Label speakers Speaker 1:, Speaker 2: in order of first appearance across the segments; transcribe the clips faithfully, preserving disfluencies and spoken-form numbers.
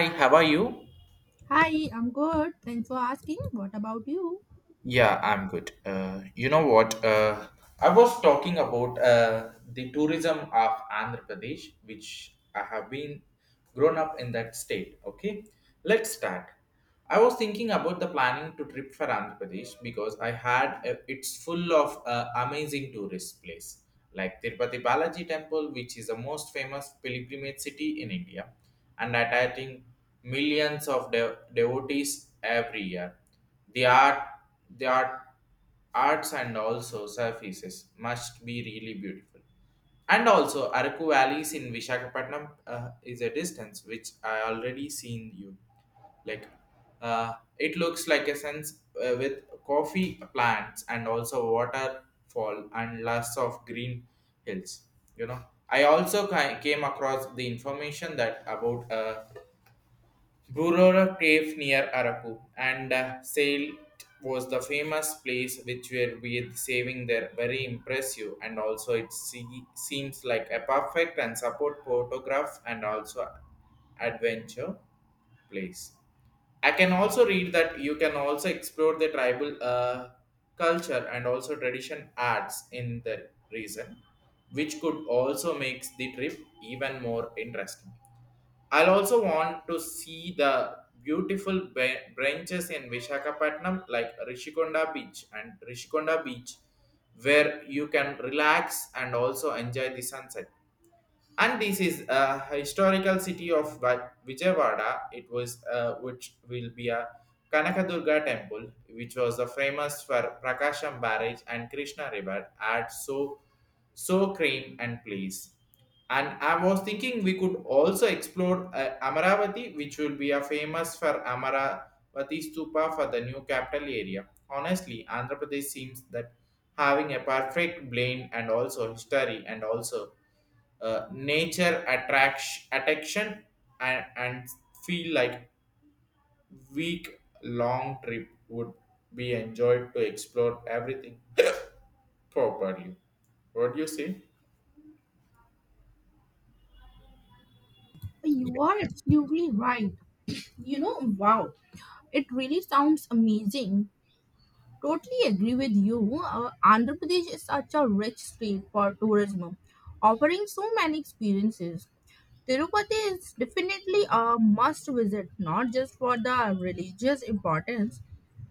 Speaker 1: Hi, how are you?
Speaker 2: Hi, I'm good. Thanks for asking. What about you?
Speaker 1: Yeah, I'm good. Uh, you know what? Uh, I was talking about uh, the tourism of Andhra Pradesh, which I have been grown up in that state. Okay, let's start. I was thinking about the planning to trip for Andhra Pradesh because I had uh, it's full of uh, amazing tourist place like Tirupati Balaji Temple, which is the most famous pilgrimage city in India, and attracting millions of dev- devotees every year. The art, the art, arts and also surfaces must be really beautiful. And also, Araku valleys in Vishakhapatnam uh, is a distance which I already seen you. Like, uh, it looks like a sense uh, with coffee plants and also waterfall and lots of green hills. You know, I also ki- came across the information that about uh, Burora Cave near Araku, and uh, sailed was the famous place which were with saving there very impressive, and also it see, seems like a perfect and support photograph and also adventure place. I can also read that you can also explore the tribal uh, culture and also tradition arts in the region, which could also makes the trip even more interesting. I'll also want to see the beautiful ba- branches in Vishakhapatnam like Rishikonda Beach and Rishikonda Beach where you can relax and also enjoy the sunset. And this is a historical city of Vi- Vijayawada. It was uh, which will be a Kanakadurga temple, which was the famous for Prakasham barrage and Krishna river at so so cream and place. And I was thinking we could also explore uh, Amaravati, which will be a famous for Amaravati stupa for the new capital area. Honestly, Andhra Pradesh seems that having a perfect blend and also history and also uh, nature attraction, attraction and, and feel like week long trip would be enjoyed to explore everything properly. What do you say?
Speaker 2: You are absolutely right. You know, wow, it really sounds amazing. Totally agree with you. Uh, Andhra Pradesh is such a rich state for tourism, offering so many experiences. Tirupati is definitely a must visit, not just for the religious importance,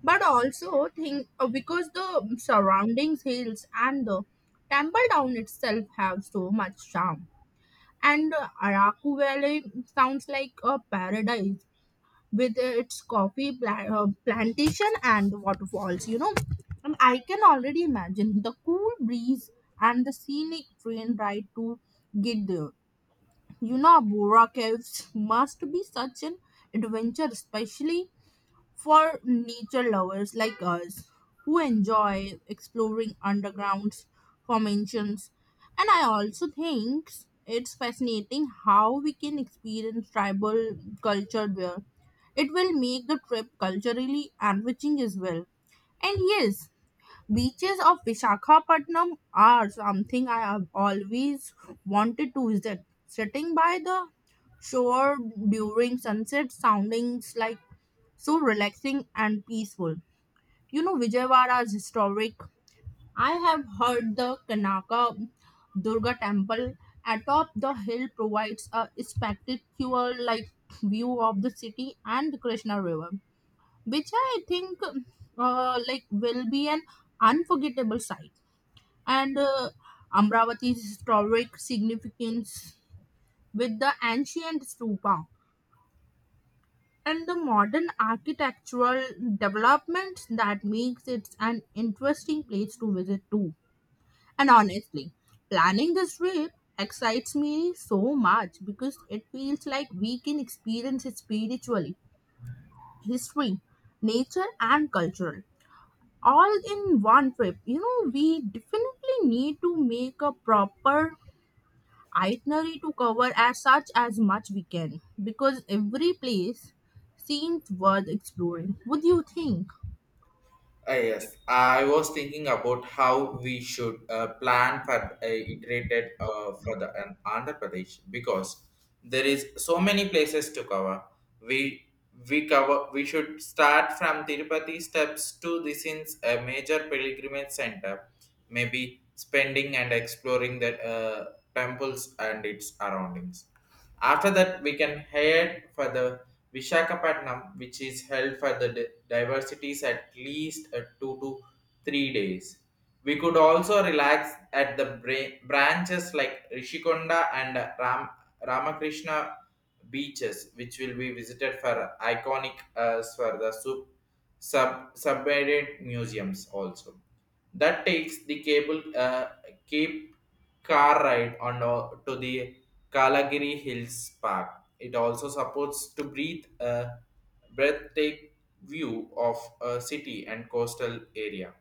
Speaker 2: but also think uh, because the surroundings hills and the temple town itself have so much charm. And uh, Araku Valley sounds like a paradise with its coffee pla- uh, plantation and waterfalls, you know. And I can already imagine the cool breeze and the scenic train ride to get there. You know, Bora Caves must be such an adventure, especially for nature lovers like us who enjoy exploring underground formations. And I also think it's fascinating how we can experience tribal culture there. It will make the trip culturally enriching as well. And yes, beaches of Vishakhapatnam are something I have always wanted to visit. Sitting by the shore during sunset soundings like so relaxing and peaceful. You know, Vijayawada is historic. I have heard the Kanaka Durga temple atop the hill provides a spectacular like view of the city and the Krishna River, which I think uh, like will be an unforgettable sight. And uh, Amravati's historic significance with the ancient stupa and the modern architectural developments that makes it an interesting place to visit too. And honestly, planning this trip excites me so much because it feels like we can experience it spiritually, history, nature, and cultural all in one trip. You know, we definitely need to make a proper itinerary to cover as such as much we can because every place seems worth exploring. What do you think?
Speaker 1: Uh, yes, I was thinking about how we should uh, plan for uh, iterated uh, for the an Andhra Pradesh because there is so many places to cover. We we cover we should start from Tirupati steps to this is a major pilgrimage center, maybe spending and exploring the uh, temples and its surroundings. After that, we can head for the Vishakhapatnam, which is held for the di- diversities at least uh, two to three days. We could also relax at the bra- branches like Rishikonda and uh, Ram- Ramakrishna beaches, which will be visited for iconic uh, for the sub- sub- submarine museums also. That takes the cable uh, cape car ride on o- to the Kalagiri Hills Park. It also supports to breathe a breathtaking view of a city and coastal area.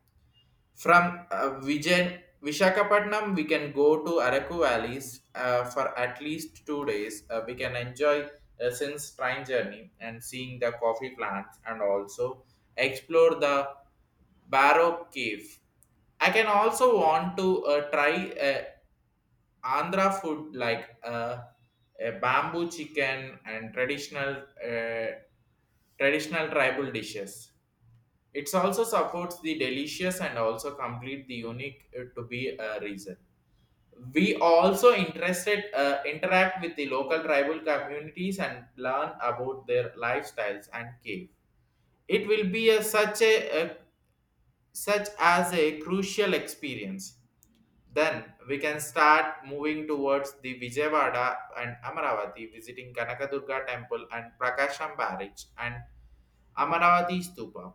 Speaker 1: From uh, Vijay, Vishakhapatnam, we can go to Araku Valleys uh, for at least two days. Uh, we can enjoy a since train journey and seeing the coffee plants and also explore the Barrow Cave. I can also want to uh, try uh, Andhra food like uh, a bamboo chicken and traditional uh, traditional tribal dishes. It also supports the delicious and also complete the unique uh, to be a reason. We also interested uh, interact with the local tribal communities and learn about their lifestyles and cave. It will be a, such a, a such as a crucial experience, then we can start moving towards the Vijayawada and Amaravati, visiting Kanakadurga temple and Prakasham barrage and Amaravati stupa.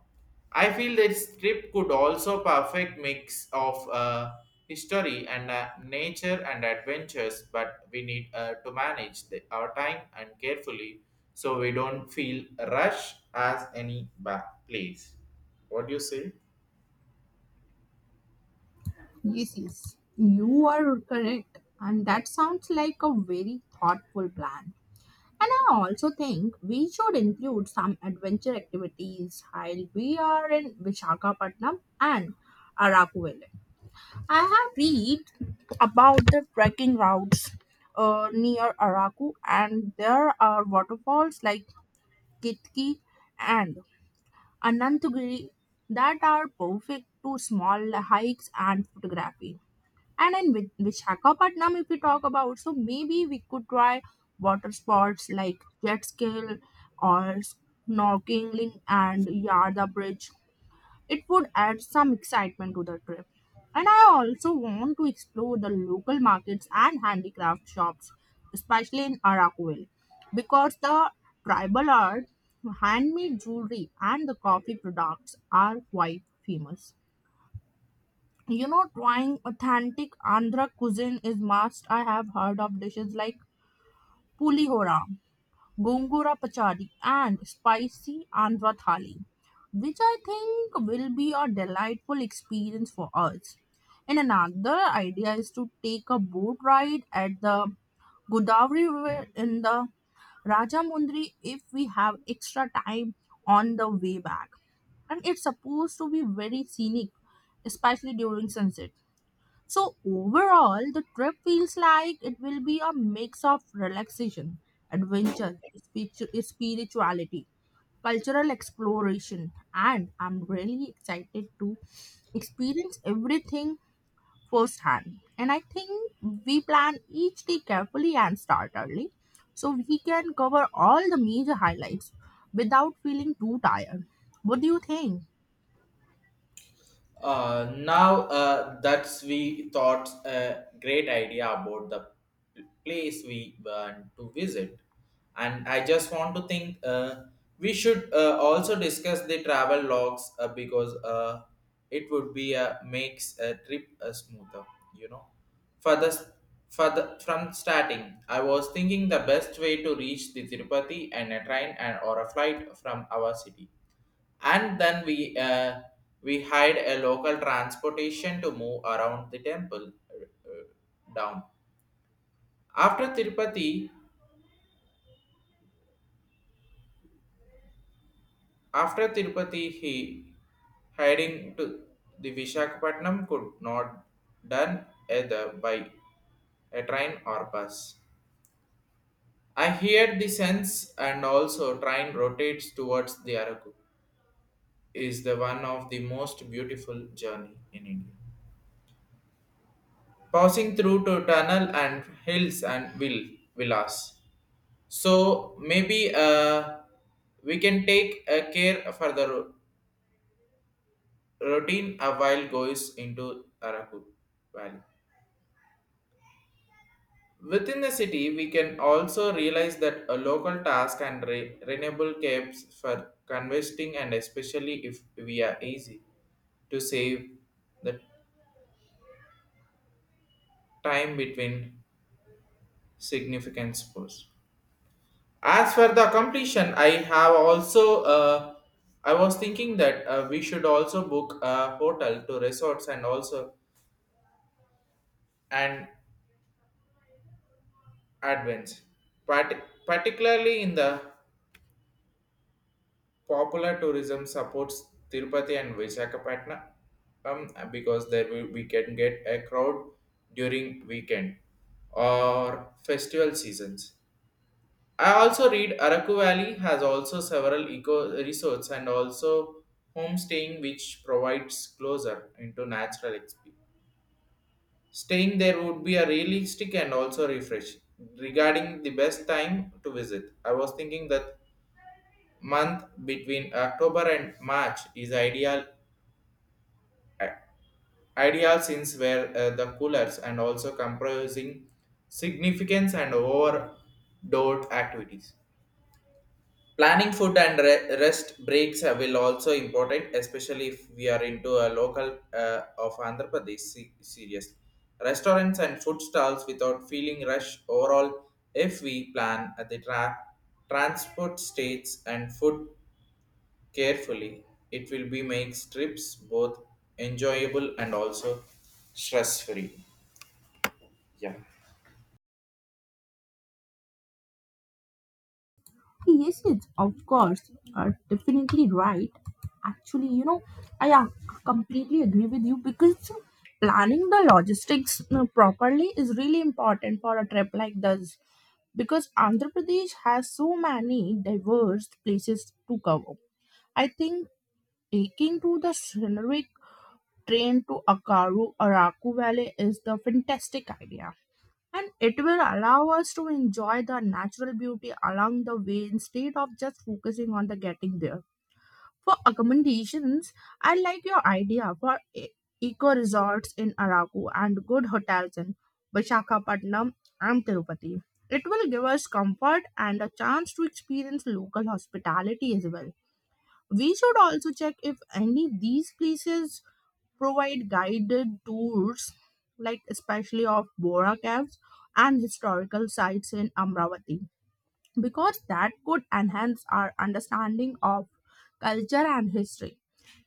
Speaker 1: I feel this trip could also perfect mix of uh, history and uh, nature and adventures, but we need uh, to manage the, our time and carefully so we don't feel rush as any ba- place. What do you say?
Speaker 2: Yes, yes, you are correct, and that sounds like a very thoughtful plan. And I also think we should include some adventure activities while we are in Vishakhapatnam and Araku. I have read about the trekking routes uh, near Araku, and there are waterfalls like Kitki and Anantagiri that are perfect to small hikes and photography. And in Vi- Visakhapatnam, if we talk about, so maybe we could try water sports like jet ski or snorkeling and Yarda Bridge. It would add some excitement to the trip. And I also want to explore the local markets and handicraft shops, especially in Arakwil, because the tribal art, handmade jewelry, and the coffee products are quite famous. You know, trying authentic Andhra cuisine is must. I have heard of dishes like pulihora, gongura pachadi, and spicy Andhra thali, which I think will be a delightful experience for us. And another idea is to take a boat ride at the Godavari River in the Rajamundry if we have extra time on the way back, and it's supposed to be very scenic, especially during sunset. So overall, the trip feels like it will be a mix of relaxation, adventure, spiritu- spirituality, cultural exploration, and I'm really excited to experience everything firsthand. And I think we plan each day carefully and start early so we can cover all the major highlights without feeling too tired. What do you think?
Speaker 1: Uh, now uh, that's we thought a great idea about the place we want to visit, and i just want to think uh, we should uh, also discuss the travel logs uh, because uh, it would be a makes a trip a smoother you know for the for the from starting i was thinking the best way to reach the tirupati and a train and or a flight from our city, and then we uh, we hired a local transportation to move around the temple uh, uh, down. After tirupati after tirupati he heading to the vishakhapatnam could not done either by a train or bus. I hear the sense and also train rotates towards the araku is the one of the most beautiful journey in india passing through to tunnel and hills and will villas. So maybe uh, we can take uh, care for the ro- routine a while goes into Araku Valley. Within the city, we can also realize that a local task and re- renewable caps for convesting, and especially if we are easy to save the time between significant spores. As for the completion, I have also uh, I was thinking that uh, we should also book a hotel to resorts and also an advance, Part- particularly in the popular tourism supports Tirupati and Visakhapatnam, um, because there we, we can get a crowd during weekend or festival seasons. I also read Araku Valley has also several eco resorts and also homestaying which provides closer into natural experience. Staying there would be a realistic and also refreshing. Regarding the best time to visit, I was thinking that month between October and March is ideal i- ideal since where uh, the coolers and also comprising significance and overdoor activities. Planning food and re- rest breaks uh, will also important, especially if we are into a local uh, of Andhra Pradesh se- seriously. Restaurants and food stalls without feeling rush overall. If we plan at the tra- transport states and food carefully, it will be makes trips both enjoyable and also stress free. Yeah.
Speaker 2: Yes, yes, of course. Are definitely right. Actually, you know, I uh, completely agree with you because planning the logistics uh, properly is really important for a trip like this. Because Andhra Pradesh has so many diverse places to cover. I think taking to the scenic train to Akaru Araku Valley is the fantastic idea and it will allow us to enjoy the natural beauty along the way instead of just focusing on the getting there. For accommodations, I like your idea for e- eco resorts in Araku and good hotels in Vishakhapatnam and Tirupati. It will give us comfort and a chance to experience local hospitality as well. We should also check if any these places provide guided tours, like especially of Bora caves and historical sites in Amravati, because that could enhance our understanding of culture and history.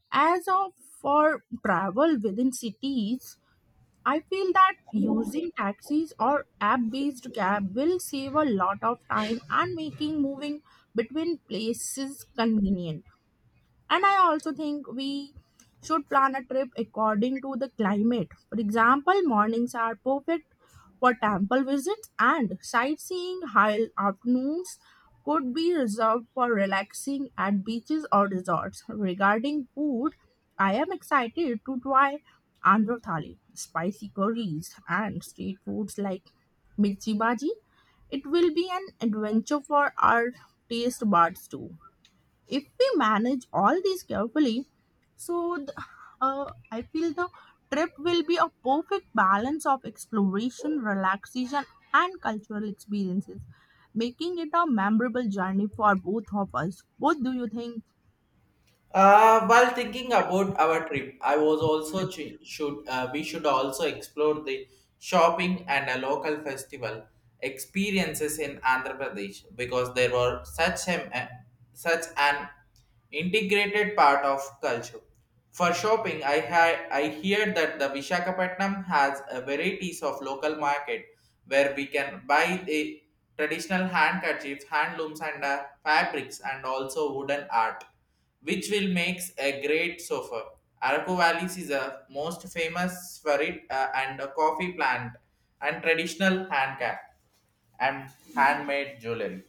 Speaker 2: As of for travel within cities, I feel that using taxis or app-based cab will save a lot of time and making moving between places convenient. And I also think we should plan a trip according to the climate. For example, mornings are perfect for temple visits and sightseeing, while afternoons could be reserved for relaxing at beaches or resorts. Regarding food, I am excited to try Andhra Thali, spicy curries, and street foods like mirchi bhaji. It will be an adventure for our taste buds too. If we manage all these carefully, so the, uh, I feel the trip will be a perfect balance of exploration, relaxation, and cultural experiences, making it a memorable journey for both of us. What do you think?
Speaker 1: Uh, while thinking about our trip, I was also ch- should uh, we should also explore the shopping and a local festival experiences in Andhra Pradesh because they were such an uh, such an integrated part of culture. For shopping, I had I hear that the Vishakhapatnam has a varieties of local market where we can buy the traditional handkerchiefs, handlooms, and uh, fabrics, and also wooden art which will makes a great sofa. Araku Valleys is a most famous for it uh, and a coffee plant and traditional handcraft and handmade jewelry.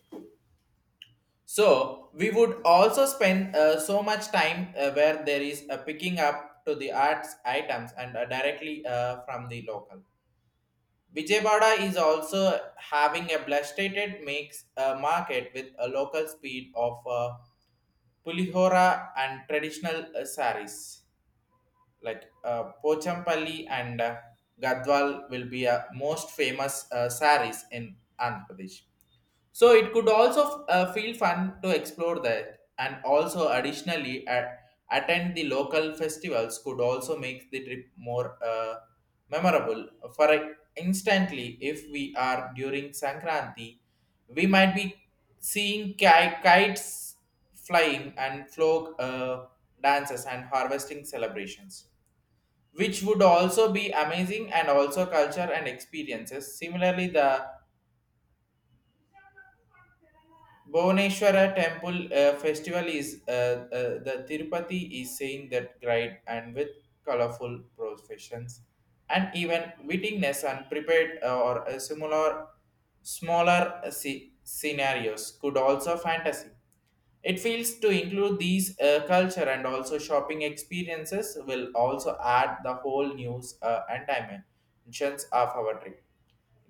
Speaker 1: So we would also spend uh, so much time uh, where there is a picking up to the arts items, and uh, directly uh, from the local. Vijayawada is also having a blasted mix uh, market with a local speed of uh, pulihora and traditional uh, saris. like uh, Pochampalli and uh, Gadwal will be uh, most famous uh, saris in Andhra Pradesh. So it could also uh, feel fun to explore that, and also additionally at, attend the local festivals could also make the trip more uh, memorable. For a- instantly, if we are during Sankranti, we might be seeing ki- kites flying and folk uh, dances and harvesting celebrations which would also be amazing and also culture and experiences. Similarly, the Bhuvaneshwara temple uh, festival is uh, uh, the Tirupati is saying that great, and with colorful processions and even wittingness and prepared uh, or a similar smaller uh, sce- scenarios could also fantasy. It feels to include these uh, culture and also shopping experiences will also add the whole news uh, and dimensions of our trip.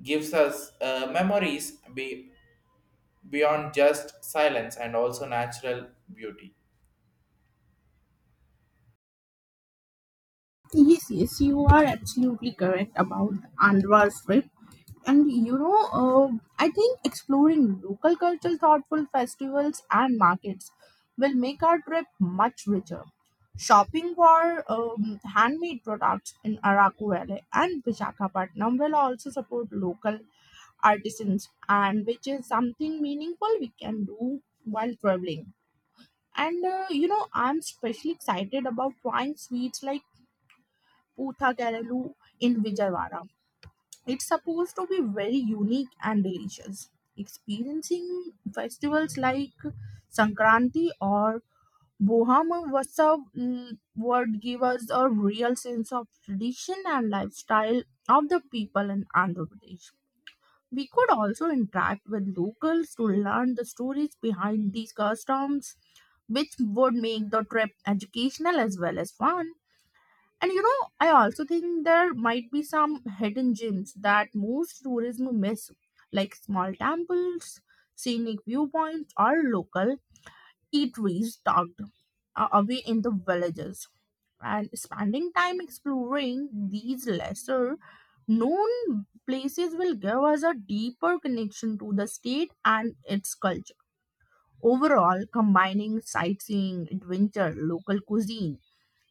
Speaker 1: Gives us uh, memories be beyond just silence and also natural beauty.
Speaker 2: Yes, yes, you are absolutely correct about the Andhra trip. And you know, uh, I think exploring local culture, thoughtful festivals, and markets will make our trip much richer. Shopping for um, handmade products in Araku Valley and Visakhapatnam will also support local artisans, and which is something meaningful we can do while traveling. And uh, you know, I'm especially excited about trying sweets like Putha Karalu in Vijayawada. It's supposed to be very unique and delicious. Experiencing festivals like Sankranti or Bohama Vasav mm, would give us a real sense of tradition and lifestyle of the people in Andhra Pradesh. We could also interact with locals to learn the stories behind these customs, which would make the trip educational as well as fun. And you know, I also think there might be some hidden gems that most tourism miss, like small temples, scenic viewpoints, or local eateries tucked uh, away in the villages. And spending time exploring these lesser known places will give us a deeper connection to the state and its culture. Overall, combining sightseeing, adventure, local cuisine,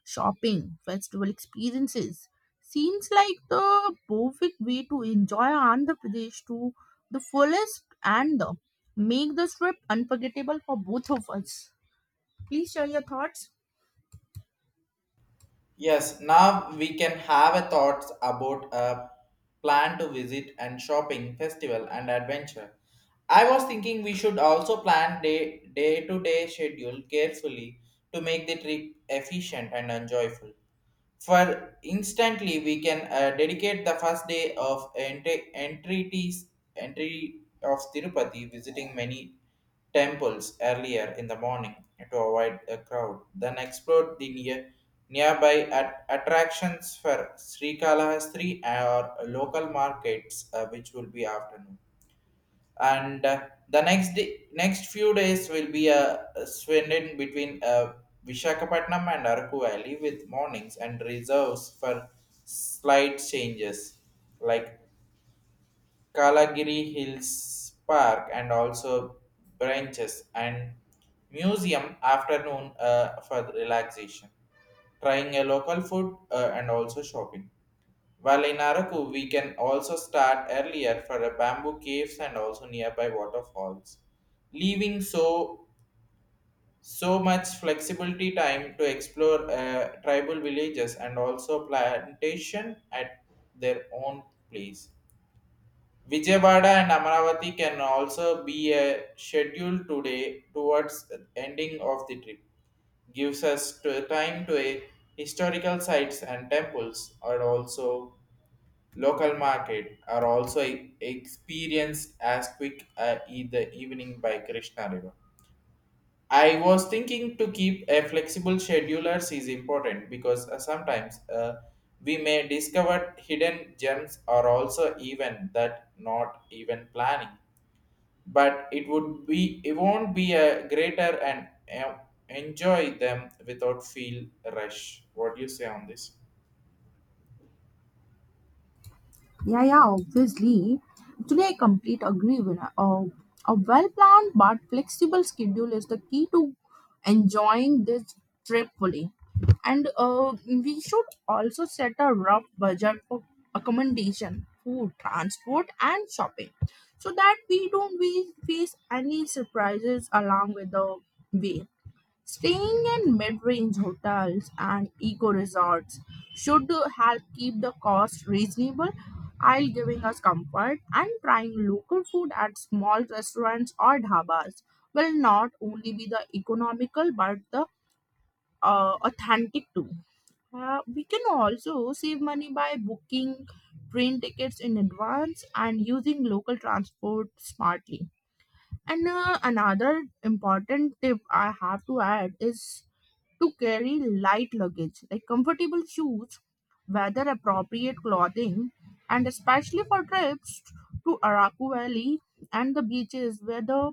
Speaker 2: shopping, festival experiences. Seems like the perfect way to enjoy Andhra Pradesh to the fullest and make this trip unforgettable for both of us. Please share your thoughts.
Speaker 1: Yes, now we can have a thoughts about a plan to visit and shopping, festival and adventure. I was thinking we should also plan day day to day schedule carefully to make the trip efficient and enjoyable. For instantly, we can uh, dedicate the first day of entry entries entry of Tirupati, visiting many temples earlier in the morning to avoid a crowd, then explored the near, nearby at attractions for Sri Kalahastri or local markets, uh, which will be afternoon. And uh, the next day, next few days will be a uh, spent in between uh, Vishakhapatnam and Araku Valley, with mornings and reserves for slight changes like Kalagiri Hills Park and also branches and museum afternoon uh, for relaxation, trying a local food uh, and also shopping. While in Araku, we can also start earlier for the bamboo caves and also nearby waterfalls, leaving so so much flexibility time to explore uh, tribal villages and also plantation at their own place. Vijayawada and Amaravati can also be a schedule today towards the ending of the trip. Gives us to time to a historical sites and temples, are also local market are also e- experienced as quick uh, in the evening by Krishna River. I was thinking to keep a flexible schedulers is important because uh, sometimes uh, we may discover hidden gems or also even that not even planning. But it would be it won't be a greater and uh, enjoy them without feel rush. What do you say on this?
Speaker 2: Yeah, yeah, obviously. Today, I complete agree with her. Uh, a well planned but flexible schedule is the key to enjoying this trip fully. And uh, we should also set a rough budget for accommodation, food, transport, and shopping so that we don't we face any surprises along with the way. Staying in mid-range hotels and eco resorts should help keep the cost reasonable while giving us comfort, and trying local food at small restaurants or dhabas will not only be the economical but the uh, authentic too. Uh, we can also save money by booking train tickets in advance and using local transport smartly. And uh, another important tip I have to add is to carry light luggage like comfortable shoes, weather appropriate clothing, and especially for trips to Araku Valley and the beaches where the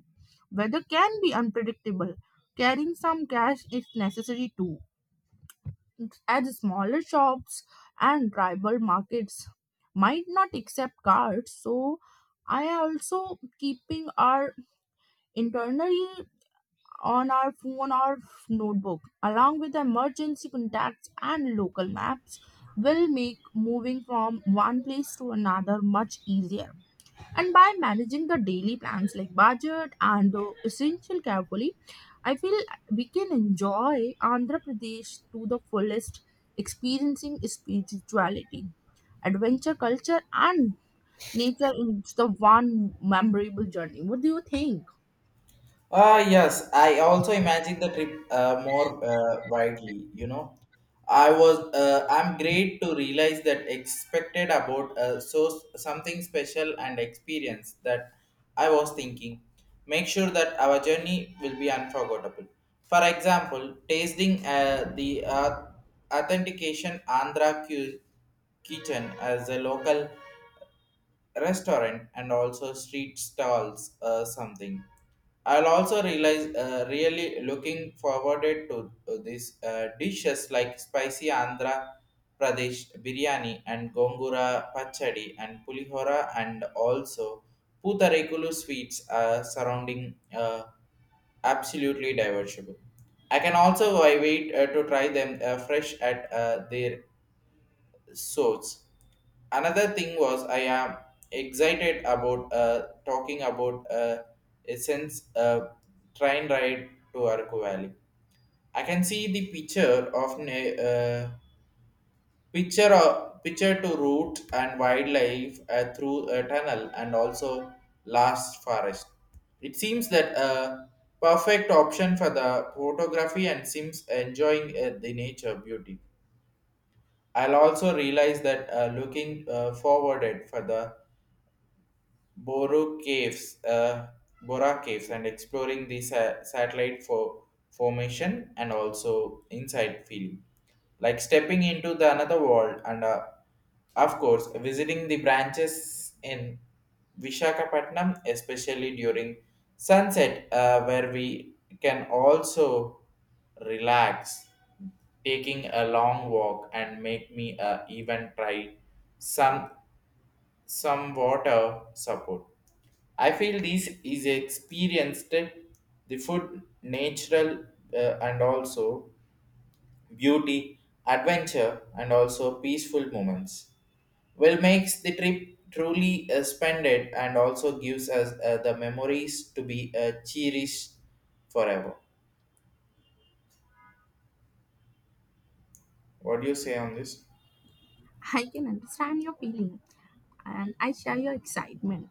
Speaker 2: weather can be unpredictable. Carrying some cash is necessary too, as smaller shops and tribal markets might not accept cards. So, I also keeping our internal on our phone or notebook, along with emergency contacts and local maps, will make moving from one place to another much easier. And by managing the daily plans like budget and the essential carefully, I feel we can enjoy Andhra Pradesh to the fullest, experiencing spirituality, adventure culture, and nature in the one memorable journey. What do you think?
Speaker 1: Ah, yes, I also imagine the trip uh, more uh, widely, you know. I was, uh, I'm great to realize that expected about uh, so s- something special and experience that I was thinking. Make sure that our journey will be unforgettable. For example, tasting uh, the uh, authentication Andhra cu- kitchen as a local restaurant and also street stalls uh, something I'll also realize uh, really looking forward to, to these uh, dishes like spicy Andhra Pradesh biryani and gongura pachadi and pulihora and also putarekulu sweets uh, surrounding uh, absolutely divertible. I can also wait uh, to try them uh, fresh at uh, their sorts. Another thing was I am excited about uh, talking about uh, a sense uh, train ride to Araku Valley. I can see the picture of na- uh, picture of, picture to route and wildlife uh, through a tunnel and also last forest. It seems that a perfect option for the photography and seems enjoying uh, the nature beauty. I'll also realize that uh, looking uh, forwarded for the Boro Caves, uh, Bora Caves, and exploring the sa- satellite for formation and also inside field, like stepping into the another world, and uh, of course visiting the branches in Vishakhapatnam, especially during sunset, uh, where we can also relax, taking a long walk and make me uh, even try some some water support. I feel this is experienced the food, natural, uh, and also beauty, adventure, and also peaceful moments. Well, makes the trip truly uh, spended and also gives us uh, the memories to be uh, cherished forever. What do you say on this?
Speaker 2: I can understand your feeling and I share your excitement.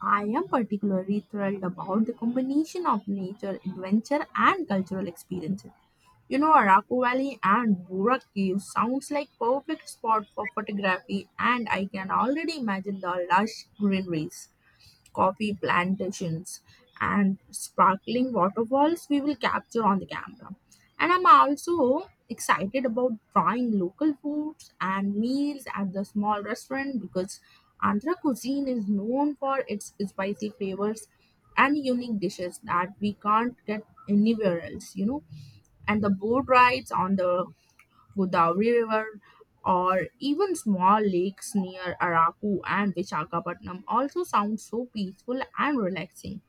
Speaker 2: I am particularly thrilled about the combination of nature, adventure, and cultural experiences. You know, Araku Valley and Burak Cave sounds like perfect spot for photography, and I can already imagine the lush greeneries, coffee plantations, and sparkling waterfalls we will capture on the camera. And I'm also excited about trying local foods and meals at the small restaurant because Andhra cuisine is known for its spicy flavors and unique dishes that we can't get anywhere else, you know. And the boat rides on the Godavari River or even small lakes near Araku and Visakhapatnam also sound so peaceful and relaxing.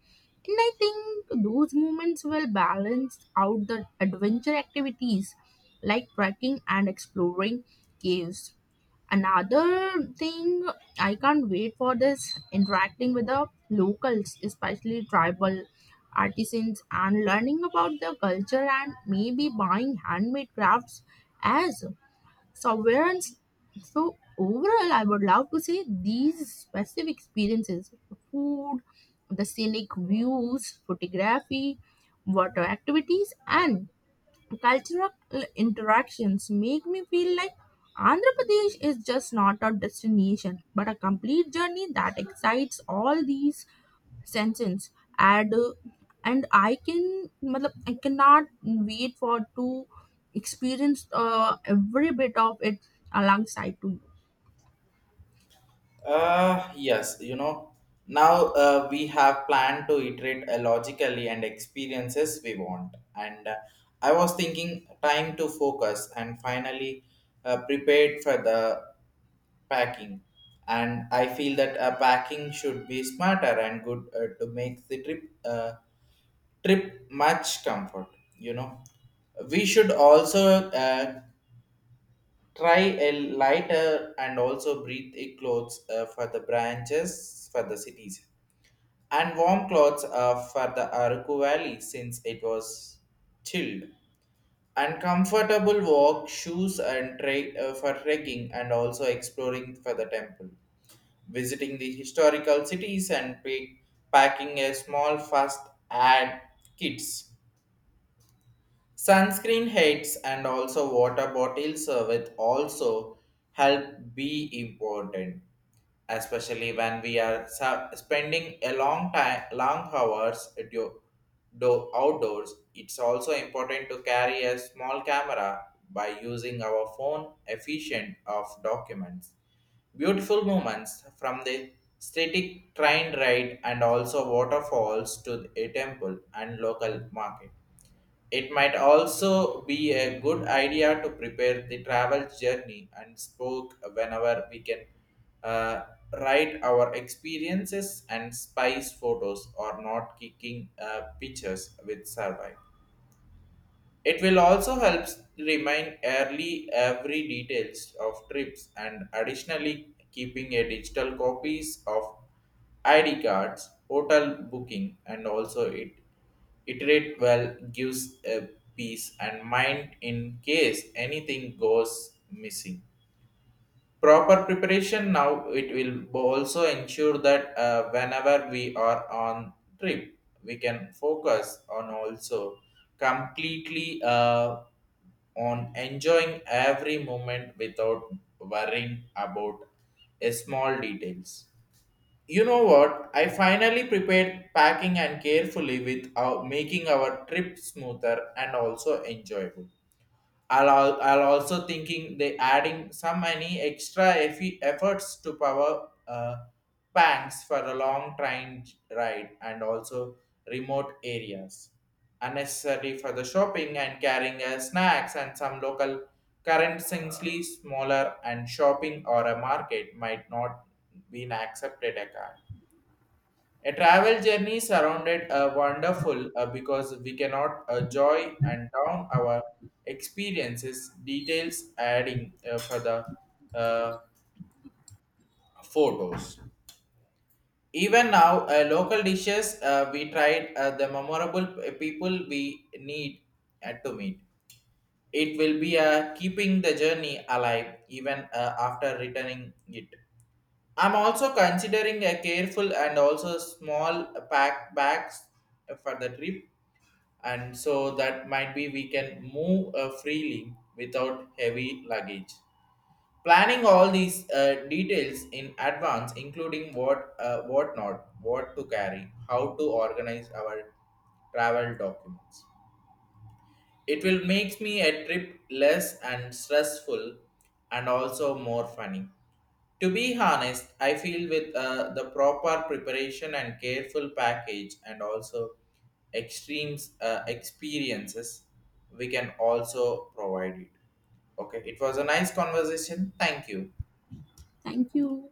Speaker 2: And I think those moments will balance out the adventure activities like trekking and exploring caves. Another thing I can't wait for this interacting with the locals, especially tribal artisans, and learning about their culture and maybe buying handmade crafts as Sovereigns. So overall, I would love to say these specific experiences: food, the scenic views, photography, water activities, and cultural interactions make me feel like Andhra Pradesh is just not a destination, but a complete journey that excites all these sentence. And uh, and I can matlab, I cannot wait for to experience uh, every bit of it alongside to you.
Speaker 1: Uh, yes, you know, now uh, we have planned to iterate uh, logically and experiences we want. And uh, I was thinking time to focus and finally uh, prepared for the packing. And I feel that uh, packing should be smarter and good uh, to make the trip uh, trip much comfort. You know, we should also uh, try a lighter and also breathe a clothes uh, for the branches for the cities and warm clothes uh, for the Araku Valley since it was chilled. And comfortable walk shoes and tra- uh, for trekking and also exploring for the temple, visiting the historical cities and pick- packing a small fast ad kits. Sunscreen heads and also water bottles uh, with also help be important, especially when we are sa- spending a long time, long hours do, do outdoors. It's also important to carry a small camera by using our phone efficient of documents. Beautiful moments from the static train ride and also waterfalls to a temple and local market. It might also be a good idea to prepare the travel journey and spoke whenever we can uh, write our experiences and spice photos or not kicking uh, pictures with survive. It will also help remind early every details of trips and additionally keeping a digital copies of I D cards, hotel booking and also it iterate well gives a peace and mind in case anything goes missing. Proper preparation now it will bo- also ensure that uh, whenever we are on trip, we can focus on also completely uh, on enjoying every moment without worrying about a small details. You know what, I finally prepared packing and carefully with our, making our trip smoother and also enjoyable. I'll, al- I'll also thinking they adding some any extra effi- efforts to power uh, banks for a long train j- ride and also remote areas. Unnecessary for the shopping and carrying uh, snacks and some local currency smaller and shopping or a market might not been accepted a card. A travel journey surrounded a wonderful uh, because we cannot uh, joy and down our experiences details adding uh, for the uh, photos. Even now, uh, local dishes uh, we tried uh, the memorable p- people we need uh, to meet. It will be uh, keeping the journey alive even uh, after returning it. I'm also considering a careful and also small pack bags for the trip and so that might be we can move uh, freely without heavy luggage. Planning all these uh, details in advance, including what uh, what not what to carry, how to organize our travel documents, it will make me a trip less and stressful and also more funny. To be honest, I feel with uh, the proper preparation and careful package and also extremes uh, experiences, we can also provide it. Okay, it was a nice conversation. Thank you.
Speaker 2: Thank you.